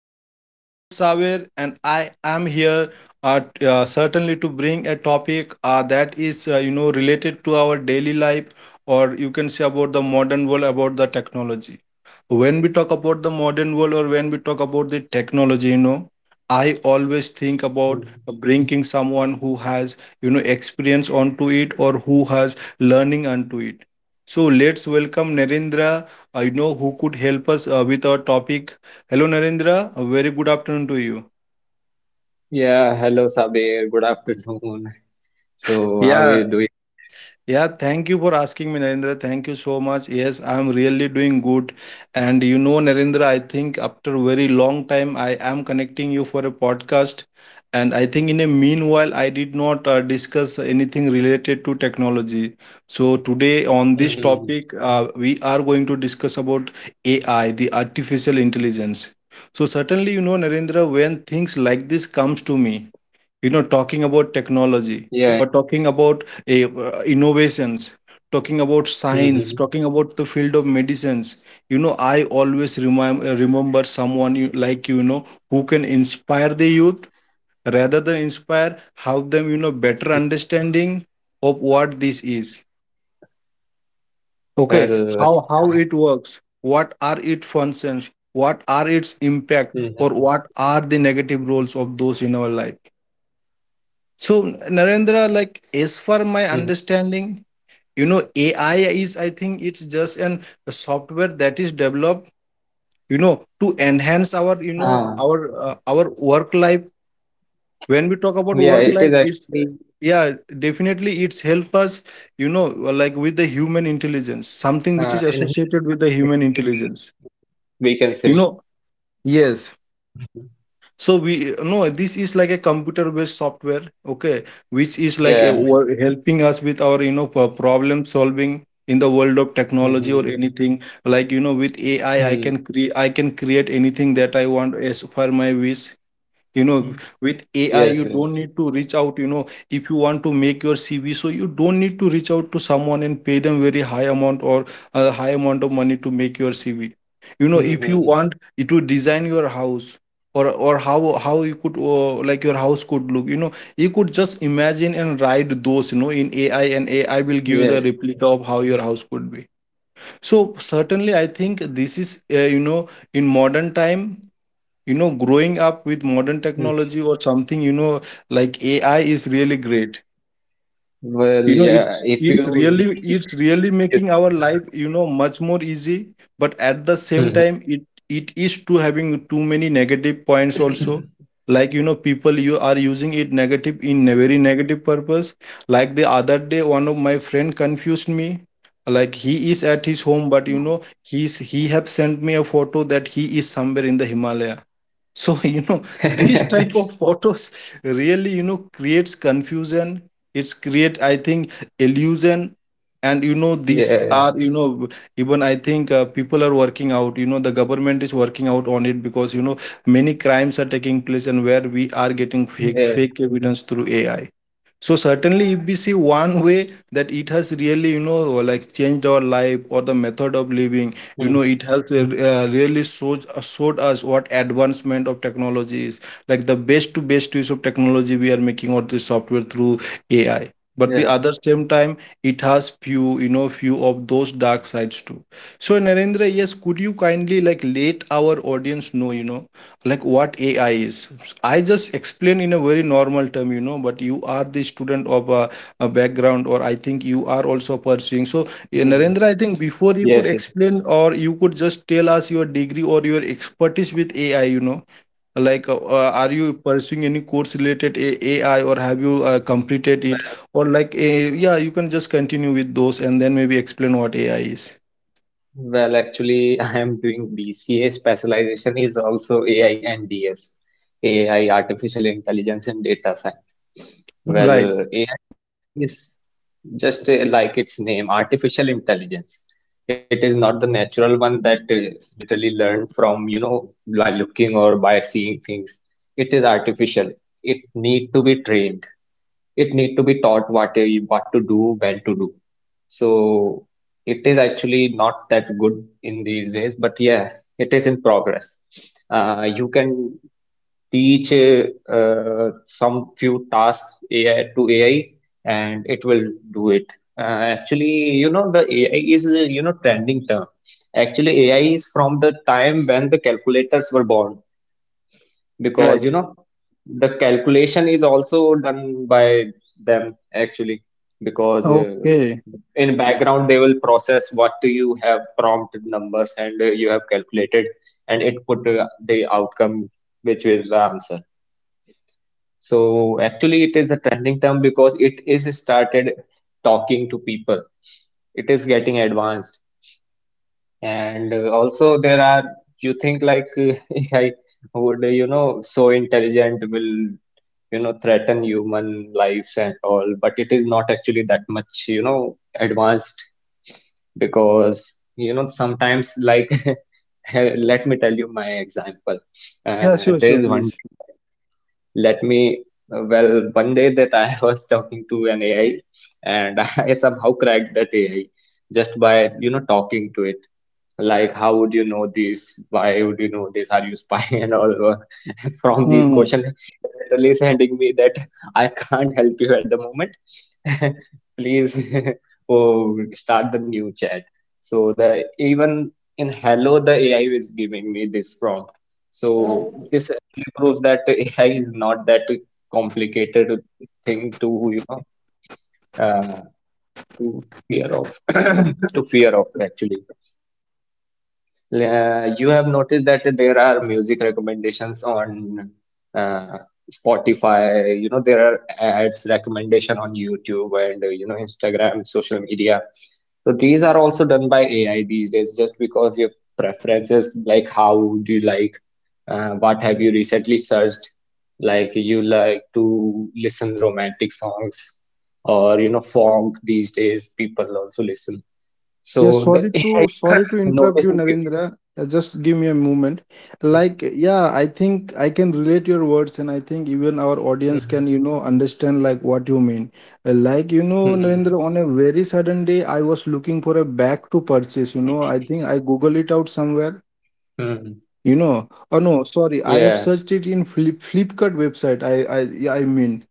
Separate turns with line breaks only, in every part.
This is your host Saver, and I am here uh, certainly to bring a topic that is related to our daily life, or you can say about the modern world, about the technology. When we talk about the modern world, or when we talk about the technology, I always think about
Mm.
bringing someone who has experience onto it, or who has learning onto it. So let's welcome Narendra, I know, who could help us with our topic. Hello, Narendra. A very good afternoon to you.
Yeah, hello Sabir. Good afternoon. So, how are you
Yeah,
doing today?
yeah, thank you for asking me, Narendra. Thank you so much. Yes, I'm really doing good. And, Narendra, I think after a very long time, I am connecting you for a podcast. And I think in a meanwhile, I did not discuss anything related to technology. So today on this
Mhm.
topic, we are going to discuss about AI, the artificial intelligence. So certainly, Narendra, when things like this comes to me, talking about technology,
Yeah, yeah.
or talking about innovations, talking about science,
Mhm.
talking about the field of medicines, I always remind remember someone, like, who can inspire the youth, rather than inspire, have them, better
Mhm.
understanding of what this is, okay.
Well,
How it works, what are its functions, what are its impact, or
Mhm.
what are the negative roles of those in our life? So, Narendra, like, as for my
Mhm.
understanding, AI is, I think, it's just an a software that is developed, to enhance our, you know,
uh,
our work life. When we talk about
yeah,
work
it
life,
is
it's
actually
yeah, definitely it's help us, like with the human intelligence, something which is
enhance
associated with
our
the human intelligence.
productivity, we can
You
say.
know, yes,
Mhm.
so we, no, this is like a computer based software, okay, which is like
Yeah,
helping us with our, problem solving in the world of technology, or
Mhm.
anything, like, with ai I
Mhm.
can create, anything that I want as per my wish. you know
Mhm.
with ai
yes,
you
yes,
don't need to reach out, if you want to make your cv, so you don't need to reach out to someone and pay them very high amount, or a high amount of money to make your cv. If you
Mhm.
want it to design your house, or how you could, like, your house could look, you could just imagine and write those, in ai, and ai will give you the
yes,
replica
yes.
of how your house could be. So certainly, I think this is, in modern time, growing up with modern technology
Mhm.
or something, like ai is really great.
Well, yeah,
It's
if
it's
you
really
need
it's
it,
really
you need
making
to
our
learn
life,
about it.
much more easy. But at the same time,
Mhm.
it is too having too many negative points also, like, people, you are using it negative, in a very negative purpose. Like the other day, one of my friend confused me, like, he is at his home, but,
Uh,
he have sent me a photo that he is somewhere in the Himalaya. So these type of photos really, creates confusion. It's create, I think, illusion. And these
Yeah, yeah,
are, even, I think, people are working out, the government is working out on it, because, many crimes are taking place, and where we are getting fake
yeah, yeah.
fake evidence through ai. So certainly, if we see one way, that it has really, like, changed our life, or the method of living, it
Mhm.
has, really showed us what advancement of technology is, like the best to best use of technology we are making, or the software through ai. But the
Yeah.
other same time, it has few you know few of those dark sides too. So, Narendra, yes, could you kindly, like, let our audience know, like, what ai is? I just explain in a very normal term, but you are the student of a background, or I think you are also pursuing. So,
Mhm.
Narendra, I think before you could
Yes, yes.
explain, or you could just tell us your degree or your expertise with AI, like, are you pursuing any course related AI, or have you completed it,
Well,
or like, yeah, you can just continue with those and then maybe explain what AI is.
well, actually, I am doing BCA. Specialization is also AI and DS, AI, artificial intelligence and data science.
Right,
Well, AI is just like its name, artificial intelligence. It is not the natural one that literally learned from, by looking or by seeing things. It is artificial. It need to be trained. It need to be taught what to do, when to do. So it is actually not that good in these days, but yeah, it is in progress. You can teach some few tasks AI to AI, and it will do it. Actually, the AI is trending term. Actually, AI is from the time when the calculators were born, because
right.
the calculation is also done by them actually. Because
Okay.
in background they will process what do you have prompt numbers, and you have calculated, and it put the outcome, which is the answer. So actually it is a trending term because it is started talking to people. It is getting advanced. And also there are. You think like AI would so intelligent, will threaten human lives and all, but it is not actually that much advanced, because sometimes like, let me tell you my example.
Yeah, sure,
There
sure,
is one
please.
day let me well One day that I was talking to an AI, and I somehow cracked that AI just by talking to it, like, how would you know this, why would you know this, are you spy, and all? From these questions it literally is handing me that, I can't help you at the moment. Please, oh, start the new chat. So the even in hello the AI is giving me this prompt. So this actually proves that AI is not that complicated thing to, you know, uh, to fear of, to fear of actually. You have noticed that there are music recommendations on uh, Spotify. You know, there are ads recommendation on YouTube and Instagram, social media. So these are also done by AI these days, just because your preferences, like how do you like, what have you recently searched, like you like to listen romantic songs or funk these days people also listen.
Yeah,
So the
sorry to
AI
interrupt you,
notices you.
Narendra. Just give me a moment. Like,
Mm-hmm.
yeah, I think I can relate your words, and I think even our audience can,
Mm-hmm.
understand like what you mean. Like, Narendra, on a
Mm-hmm.
very sudden day, I was looking for a bag to purchase. I think I Google it out somewhere.
Mm-hmm.
Oh, no,
Yeah,
sorry, I have searched it in Flipkart website. I, yeah, I mean,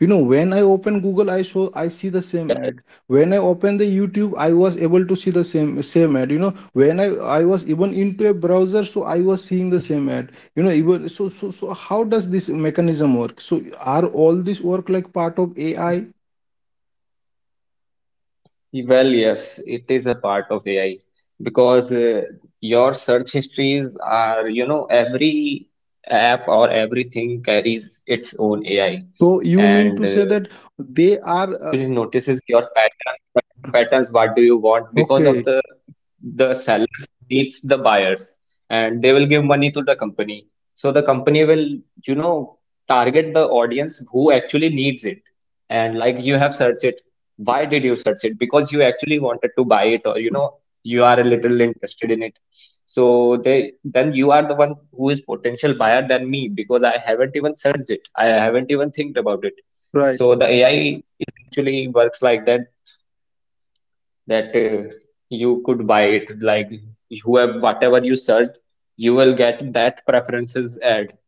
when I open Google,
yeah, yeah.
I see the same ad. When I open the YouTube, I was able to see the same ad. When I was even into a browser, so I
Mm-hmm.
was seeing the same ad. Even, so, how does this mechanism work? So, are all this work like part of AI?
Well, yes, it is a part of AI because your search histories are, every app or everything carries its own AI.
So you mean to
And
say
uh,
that they
they
are,
actually notices your patterns, searching patterns, what do you want, because of
okay,
the sellers needs the buyers, and they will give money to the company, so the company will you know target the audience who actually needs it. And like, you have searched it, why did you search it? Because you actually wanted to buy it, or you are a little interested in it. So they then you are the one who is potential buyer than me, because I haven't even searched it, I haven't even think about it.
right?
So the AI is actually works like that, that you could buy it, like, whoever, whatever you searched, you will get that preferences ad.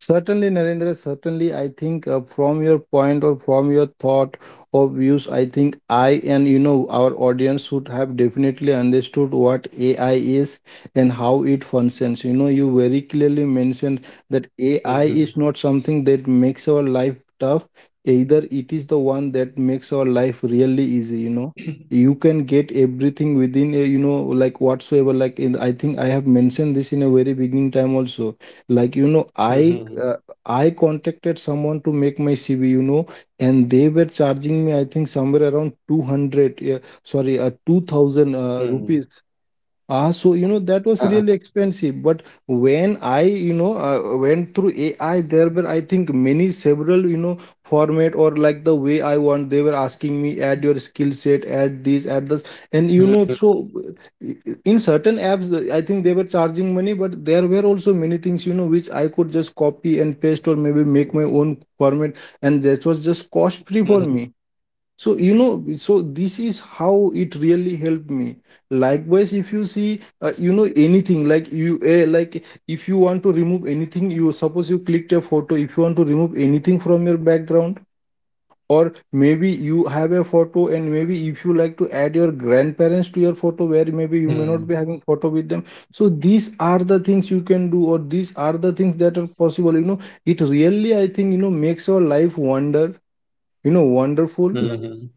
Certainly, Narendra, certainly, I think, from your point, or from your thought or views, I think I, and, our audience, should have definitely understood what AI is and how it functions. You very clearly mentioned
Hmm,
that AI is not something that makes our life tough, either it is the one that makes our life really easy, you know. You can get everything within a, like, whatsoever. Like, in, I think I have mentioned this in a very beginning time also, like, i
hmm,
uh, i contacted someone to make my cv, and they were charging me, I think, somewhere around 200, yeah, sorry, 2000
hmm.
rupees. Ah, so, that was really
Uh-huh.
expensive. But when I, went through AI, there were, I think, many, several, format, or like the way I want. They were asking me: add your skill set, add this, and,
Hmm,
so,
hmm,
uh, in certain apps, I think they were charging money, but there were also many things, which I could just copy and paste, or maybe make my own format, and that was just cost free for
hmm,
me. So this is how it really helped me. Likewise, if you see, anything, like you, like, if you want to remove anything, you suppose you clicked a photo, if you want to remove anything from your background, or maybe you have a photo, and maybe if you like to add your grandparents to your photo, where maybe you may not be having photo with them, so these are the things you can do, or these are the things that are possible, it really, I think, makes our life wonderful.
hmm.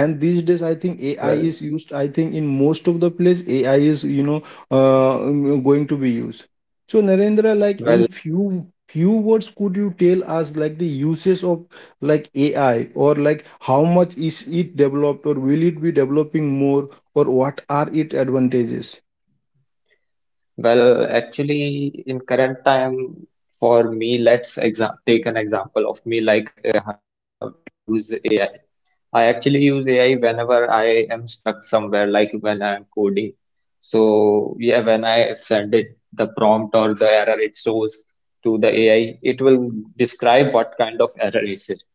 And these days, I think ai
Well,
is used, I think, in most of the place, ai is, going to be used. So, Narendra, like, in
well.
few words, could you tell us, like, the uses of, like, ai, or like, how much is it developed, or will it be developing more, or what are its advantages?
Well, actually, in current time, for me, let's exa take an example of me, like, where do I use AI? I actually use AI whenever I am stuck somewhere, like when I'm coding. So, yeah, when I send it the prompt or the error it shows to the AI, it will describe what kind of error it is,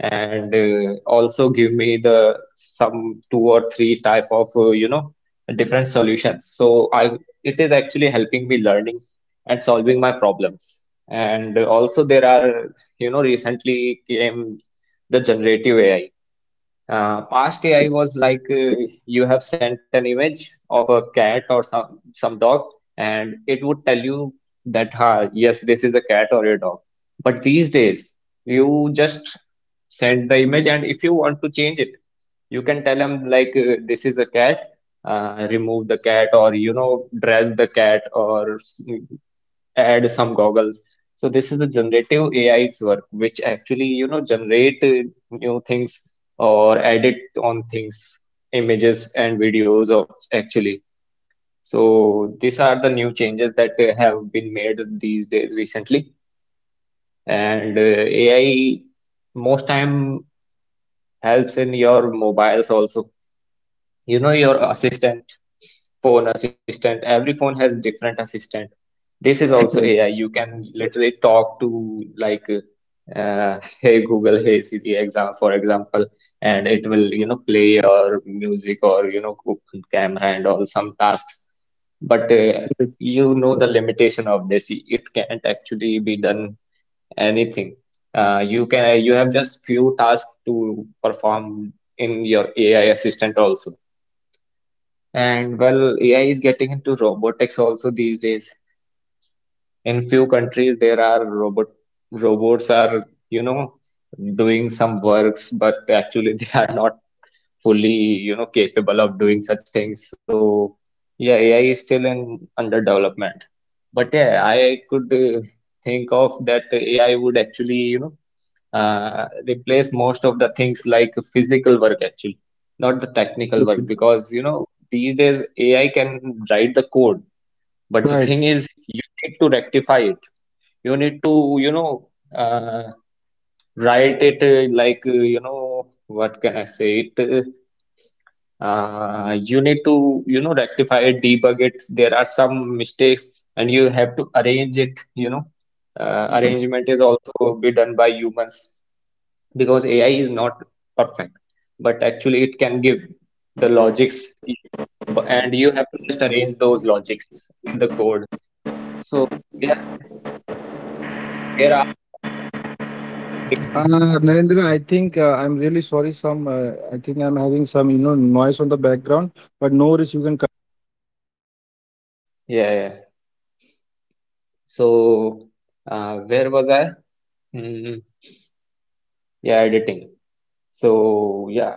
and also give me the some two or three type of different solutions. So i it is actually helping me learning and solving my problems. And also there are, recently came the generative AI. Past AI was like, you have sent an image of a cat or some dog, and it would tell you that, ha, yes, this is a cat or a dog. But these days, you just send the image, and if you want to change it, you can tell them like, this is a cat, remove the cat, or, you know, dress the cat, or add some goggles. So this is the generative AI's work, which actually, generate new things or edit on things, images and videos of actually. So these are the new changes that have been made these days recently. And AI most time helps in your mobiles also. You know, your assistant, phone assistant, every phone has different assistant. This is
Right.
also AI. You can literally talk to like, hey Google, hey Siri, for example, and it will, you know, play your music, or, you know, cook on camera and all some tasks. But you know the limitation of this. It can't actually be done anything. You have just few tasks to perform in your AI assistant also. And well, AI is getting into robotics also these days. In few countries there are robots are you know doing some works, but actually they are not fully capable of doing such things. So yeah, AI is still in under development. But yeah, I could think of that AI would actually replace most of the things like physical work actually, not the technical work,
Right.
because these days AI can write the code, but the
Right.
thing is you need to rectify it. You need to, uh, write it like, what can I say it? You need to, rectify it, debug it. There are some mistakes and you have to arrange it. Arrangement is also be done by humans, because AI is not perfect, but actually it can give the logics. you- and you have to just arrange those logics in the code. So yeah, there are minor things
uh,
that has
Narendra, I think,
happened.
I'm really sorry. Some I think I'm having
Mm.
some, noise on the background, but no worries. You can.
Yeah, yeah. So, where was I? Mm, yeah, editing. So, yeah,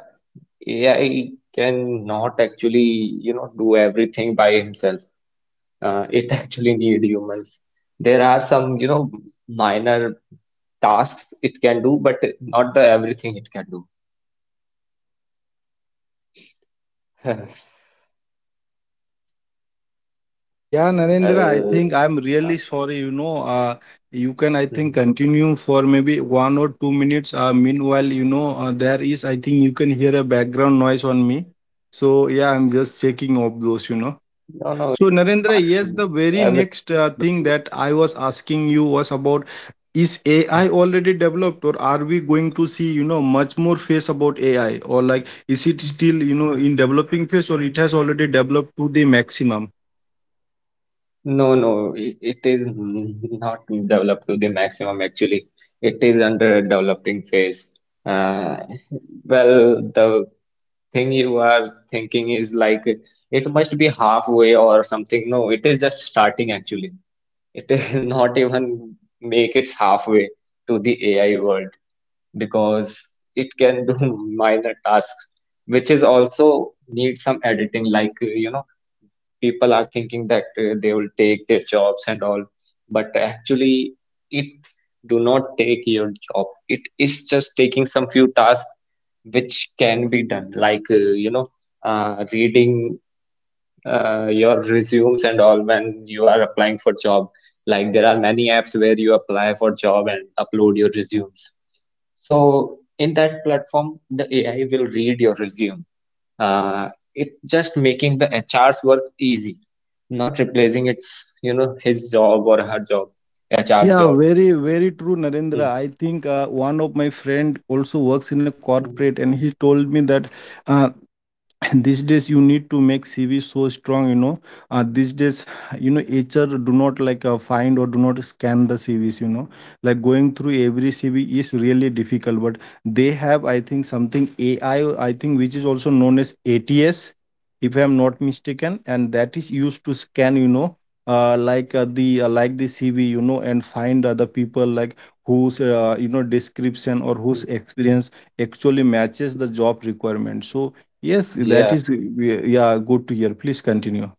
AI cannot actually, do everything by himself. It actually need humans. There are some, minor tasks it can do, but not the everything it can do.
Yeah, Narendra, I think
Well,
I'm really
uh,
sorry. You can, I think,
mhm.
continue for maybe 1 or 2 minutes. Meanwhile, there is, I think, you can hear a background noise on me. So, yeah, I'm just checking off
No,
those, you
no,
know.
it's
So,
fine.
Narendra, yes, the
Everything's
very
looking
next
good.
thing that I was asking you was about: is AI already developed, or are we going to see, much more phase about AI, or like, is it still, in developing phase, or it has already developed to the maximum?
No, no, it is not developed to the maximum actually. It is under a developing phase. Uh, well, the thing you are thinking is like, it must be halfway or something. No, it is just starting actually. It is not even make its halfway to the AI world, because it can do minor tasks, which is also need some editing, like, people are thinking that they will take their jobs and all, but actually it do not take your job. It is just taking some few tasks which can be done, like, reading your resumes and all. When you are applying for job, like there are many apps where you apply for job and upload your resumes, so in that platform the AI will read your resume. uh, it just making the HR's work easy, not replacing its, his job or her job, HR's
Yeah,
job.
very, very true, Narendra. I think one of my friend also works in a
Mm-hmm.
corporate, and he told me that uh, and these days you need to make cv so strong.
Hmm.
These days, hr do not like, find or do not scan the cvs, like going through every cv is really difficult. But they have, I think, something ai, I think, which is also known as ats, if I'm not mistaken. And that is used to scan, like, the, like the cv, and find other people, like, whose description or whose experience actually matches the job requirement. So yes, that is,
Yeah.
yeah, good to hear. Please continue.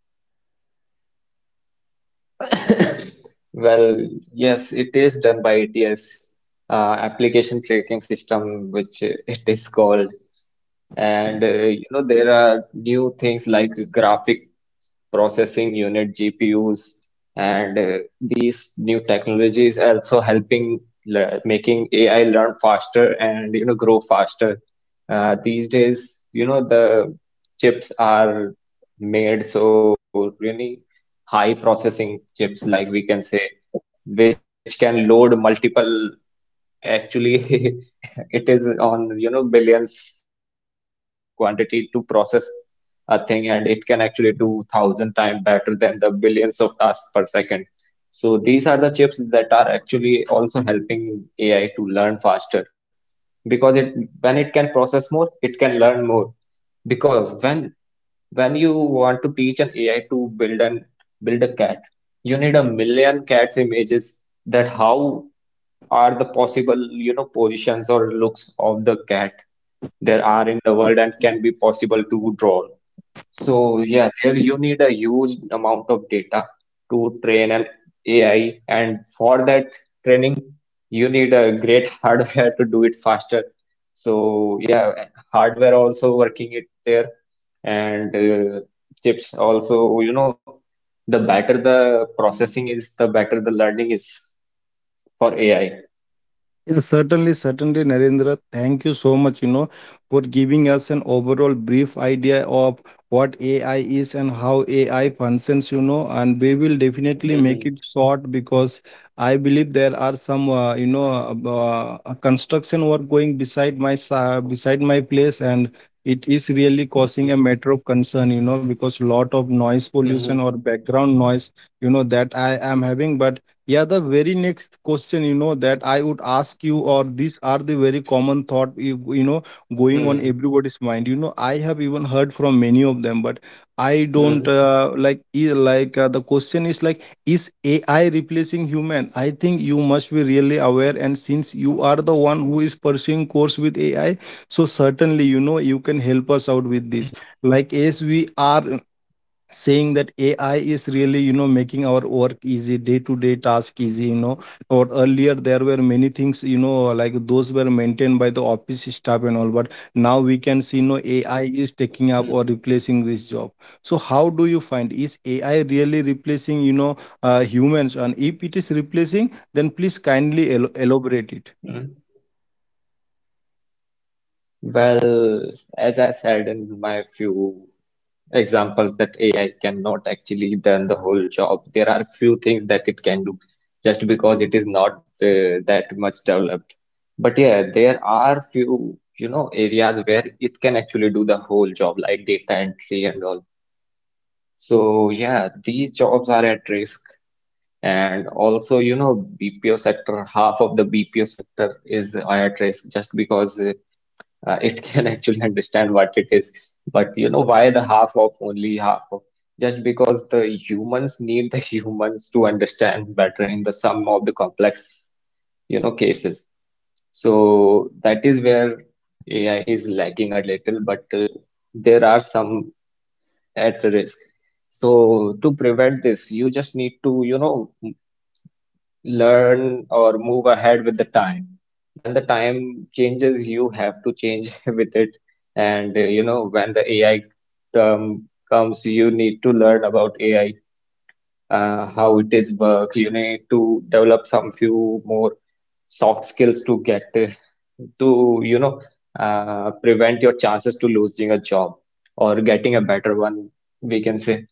Well, yes, it is done by ATS, application tracking system, which it is called. And there are new things like graphic processing unit, GPUs, and these new technologies also helping making AI learn faster and grow faster. These days, the chips are made so really high processing chips, like we can say, which can load multiple. Actually, it is on, billions or numbers of quantity to process a thing, and it can actually do 1,000 times better than the billions of tasks per second. So these are the chips that are actually also helping AI to learn faster, because it when it can process more, it can learn more. Because when you want to teach an AI to build a cat, you need a million cats images, that how are the possible, positions or looks of the cat there are in the world and can be possible to draw. So yeah, there you need a huge amount of data to train an AI, and for that training, you need a great hardware to do it faster. So yeah, hardware also working it there, and chips also. You know, the better the processing is, the better the learning is for AI.
Yeah, certainly, certainly, Narendra. Thank you so much, for giving us an overall brief idea of what AI is and how AI functions, and we will definitely make it
Mhm,
short. Because I believe there are some, construction work going beside my place, and it is really causing a
mhm,
matter of concern, because lot of noise pollution or
mhm,
background noise, that I am having. But yeah, the very next question, that I would ask you, or these are the very common thought, going on everybody's
mhm,
mind. I have even heard from many of them. But I don't,
mhm,
like, like, the question is, like, is AI replacing human? I think you must be really aware, and since you are the one who is pursuing course with AI, so certainly, you can help
mhm,
us out with this. Like as we are saying that AI is really, making our work easy, day-to-day task easy. Or earlier there were many things, like those were maintained by the office staff and all, but now we can see, AI is
mhm,
taking up
mhm.
or replacing this job. So how do you find is AI really replacing, humans? And if it is replacing, then please kindly elaborate it.
Mhm. Well, as I said in my few examples, that AI cannot actually done the whole job. There are few things that it can do, just because it is not that much developed. But yeah, there are few, areas where it can actually do the whole job, like data entry and all. So yeah, these jobs are at risk. And also, BPO sector, half of the BPO sector is at risk, just because it can actually understand what it is. But you know, why the half of Only half of, just because the humans need the humans to understand better in the sum of the complex, cases. So that is where AI is lacking a little, but there are some at risk. So to prevent this, you just need to, learn or move ahead with the time. When the time changes, you have to change with it. And when the AI term comes, you need to learn about AI, how it is work. You need to develop some few more soft skills to prevent your chances to losing a job, or getting a better one, we can say.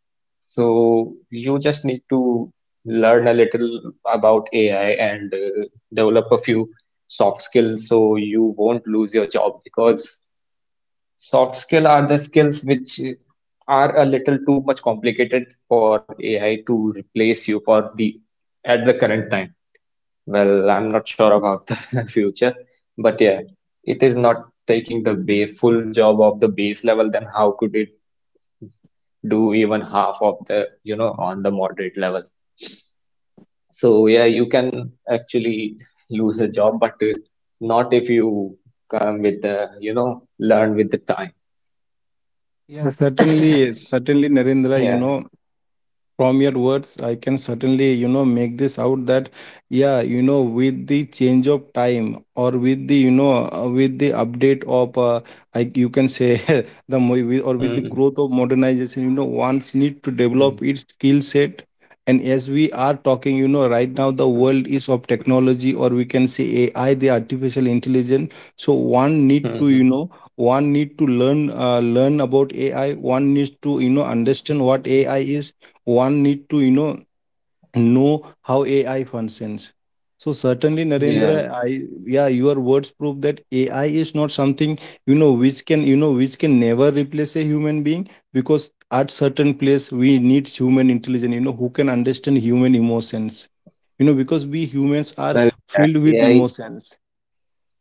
So you just need to learn a little about AI, and develop a few soft skills so you won't lose your job, because soft skill are the skills which are a little too much complicated for AI to replace you for the at the current time. Well, I'm not sure about the future, but yeah, it is not taking the ba full job of the base level, then how could it do even half of on the moderate level? So yeah, you can actually lose a job, but not if you come with the, you know, learn with the time.
Yeah. Certainly, yes, certainly, Narendra, you
Yeah.
know. From your words, I can certainly, make this out that, yeah, with the change of time, or with the update of, I, you can say. Or with the
Mm.
growth of modernization, one's need to develop
Mm.
its skill set. And as we are talking, right now, the world is of technology, or we can say ai, the artificial intelligence. So one need to,
Mm-hmm.
learn about ai. One needs to, understand what ai is. One need to, know how ai functions. So certainly, Narendra,
Yeah.
I yeah, your words prove that ai is not something, which can never replace a human being. Because at certain place we need human intelligence, who can understand human emotions, because we humans are
Well, yeah.
filled with
AI.
emotions.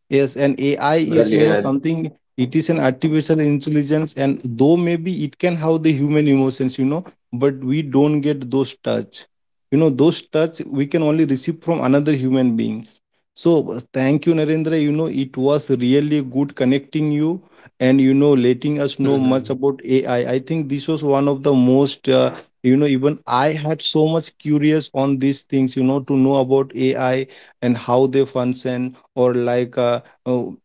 Yes, and AI is,
Well, yeah.
something. It is an artificial intelligence, and though maybe it can have the human emotions, but we don't get those touch. Those touch we can only receive from another human beings. So thank you, Narendra. It was really good connecting you and, letting us know
Mm-hmm.
much about AI. I think this was one of the most, even I had so much curious on these things, to know about AI and how they function,
Mm-hmm.
or like, oh,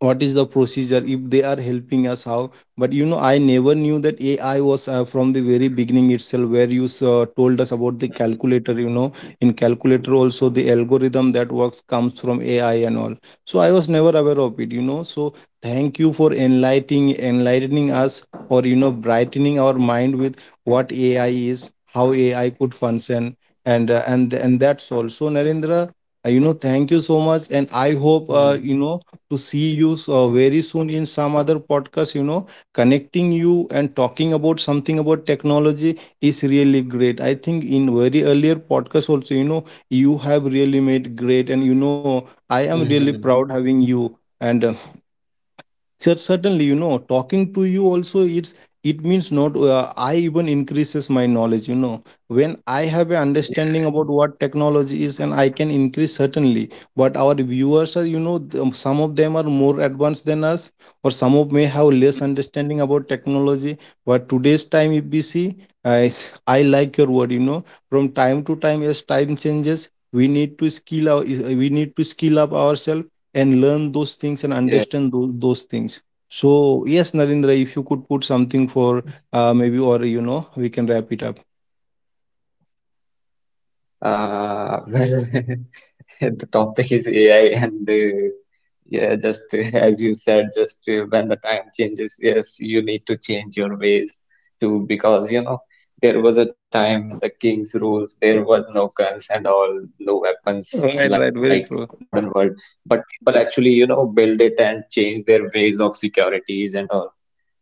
what is the procedure if they are helping us how. But I never knew that ai was, from the very beginning itself, where you, told us about the calculator. In calculator also, the algorithm that works comes from ai and all. So I was never aware of it, so thank you for enlightening us, or, brightening our mind with what ai is, how ai could function. And, and that's all. So, Narendra, thank you so much, and I hope,
Mm-hmm.
to see you so very soon in some other podcast. Connecting you and talking about something about technology is really great. I think in very earlier podcast also, you have really made great, and, I am really proud
Mm-hmm.
having you. And certainly, talking to you also, it means, not, I even increases my knowledge, when I have an understanding about
Yeah.
what technology is, and I can increase certainly. But our viewers are, some of them are more advanced than us, or some of may have less
Mm-hmm.
understanding about technology. But today's time if we see, I like your word. From time to time, as time changes, we need to skill up ourselves, and learn those things and
Yes.
understand those things. So yes, Narendra, if you could put something for, maybe, or, we can wrap it up.
Well, the topic is AI, and yeah, just as you said, just when the time changes, yes, you need to change your ways too, because there was a time when the king's rules, there was no guns and all, no weapons
Right, right,
like
very true.
modern world, but people actually build it and change their ways of securities and all.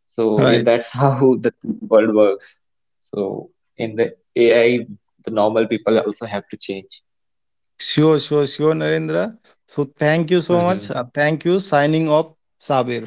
So yeah,
Right.
that's how the thing world works. So in the AI, the normal people also have to change.
Sure, sure, sure, Narendra. So thank you so much, thank you, signing off, Sabir.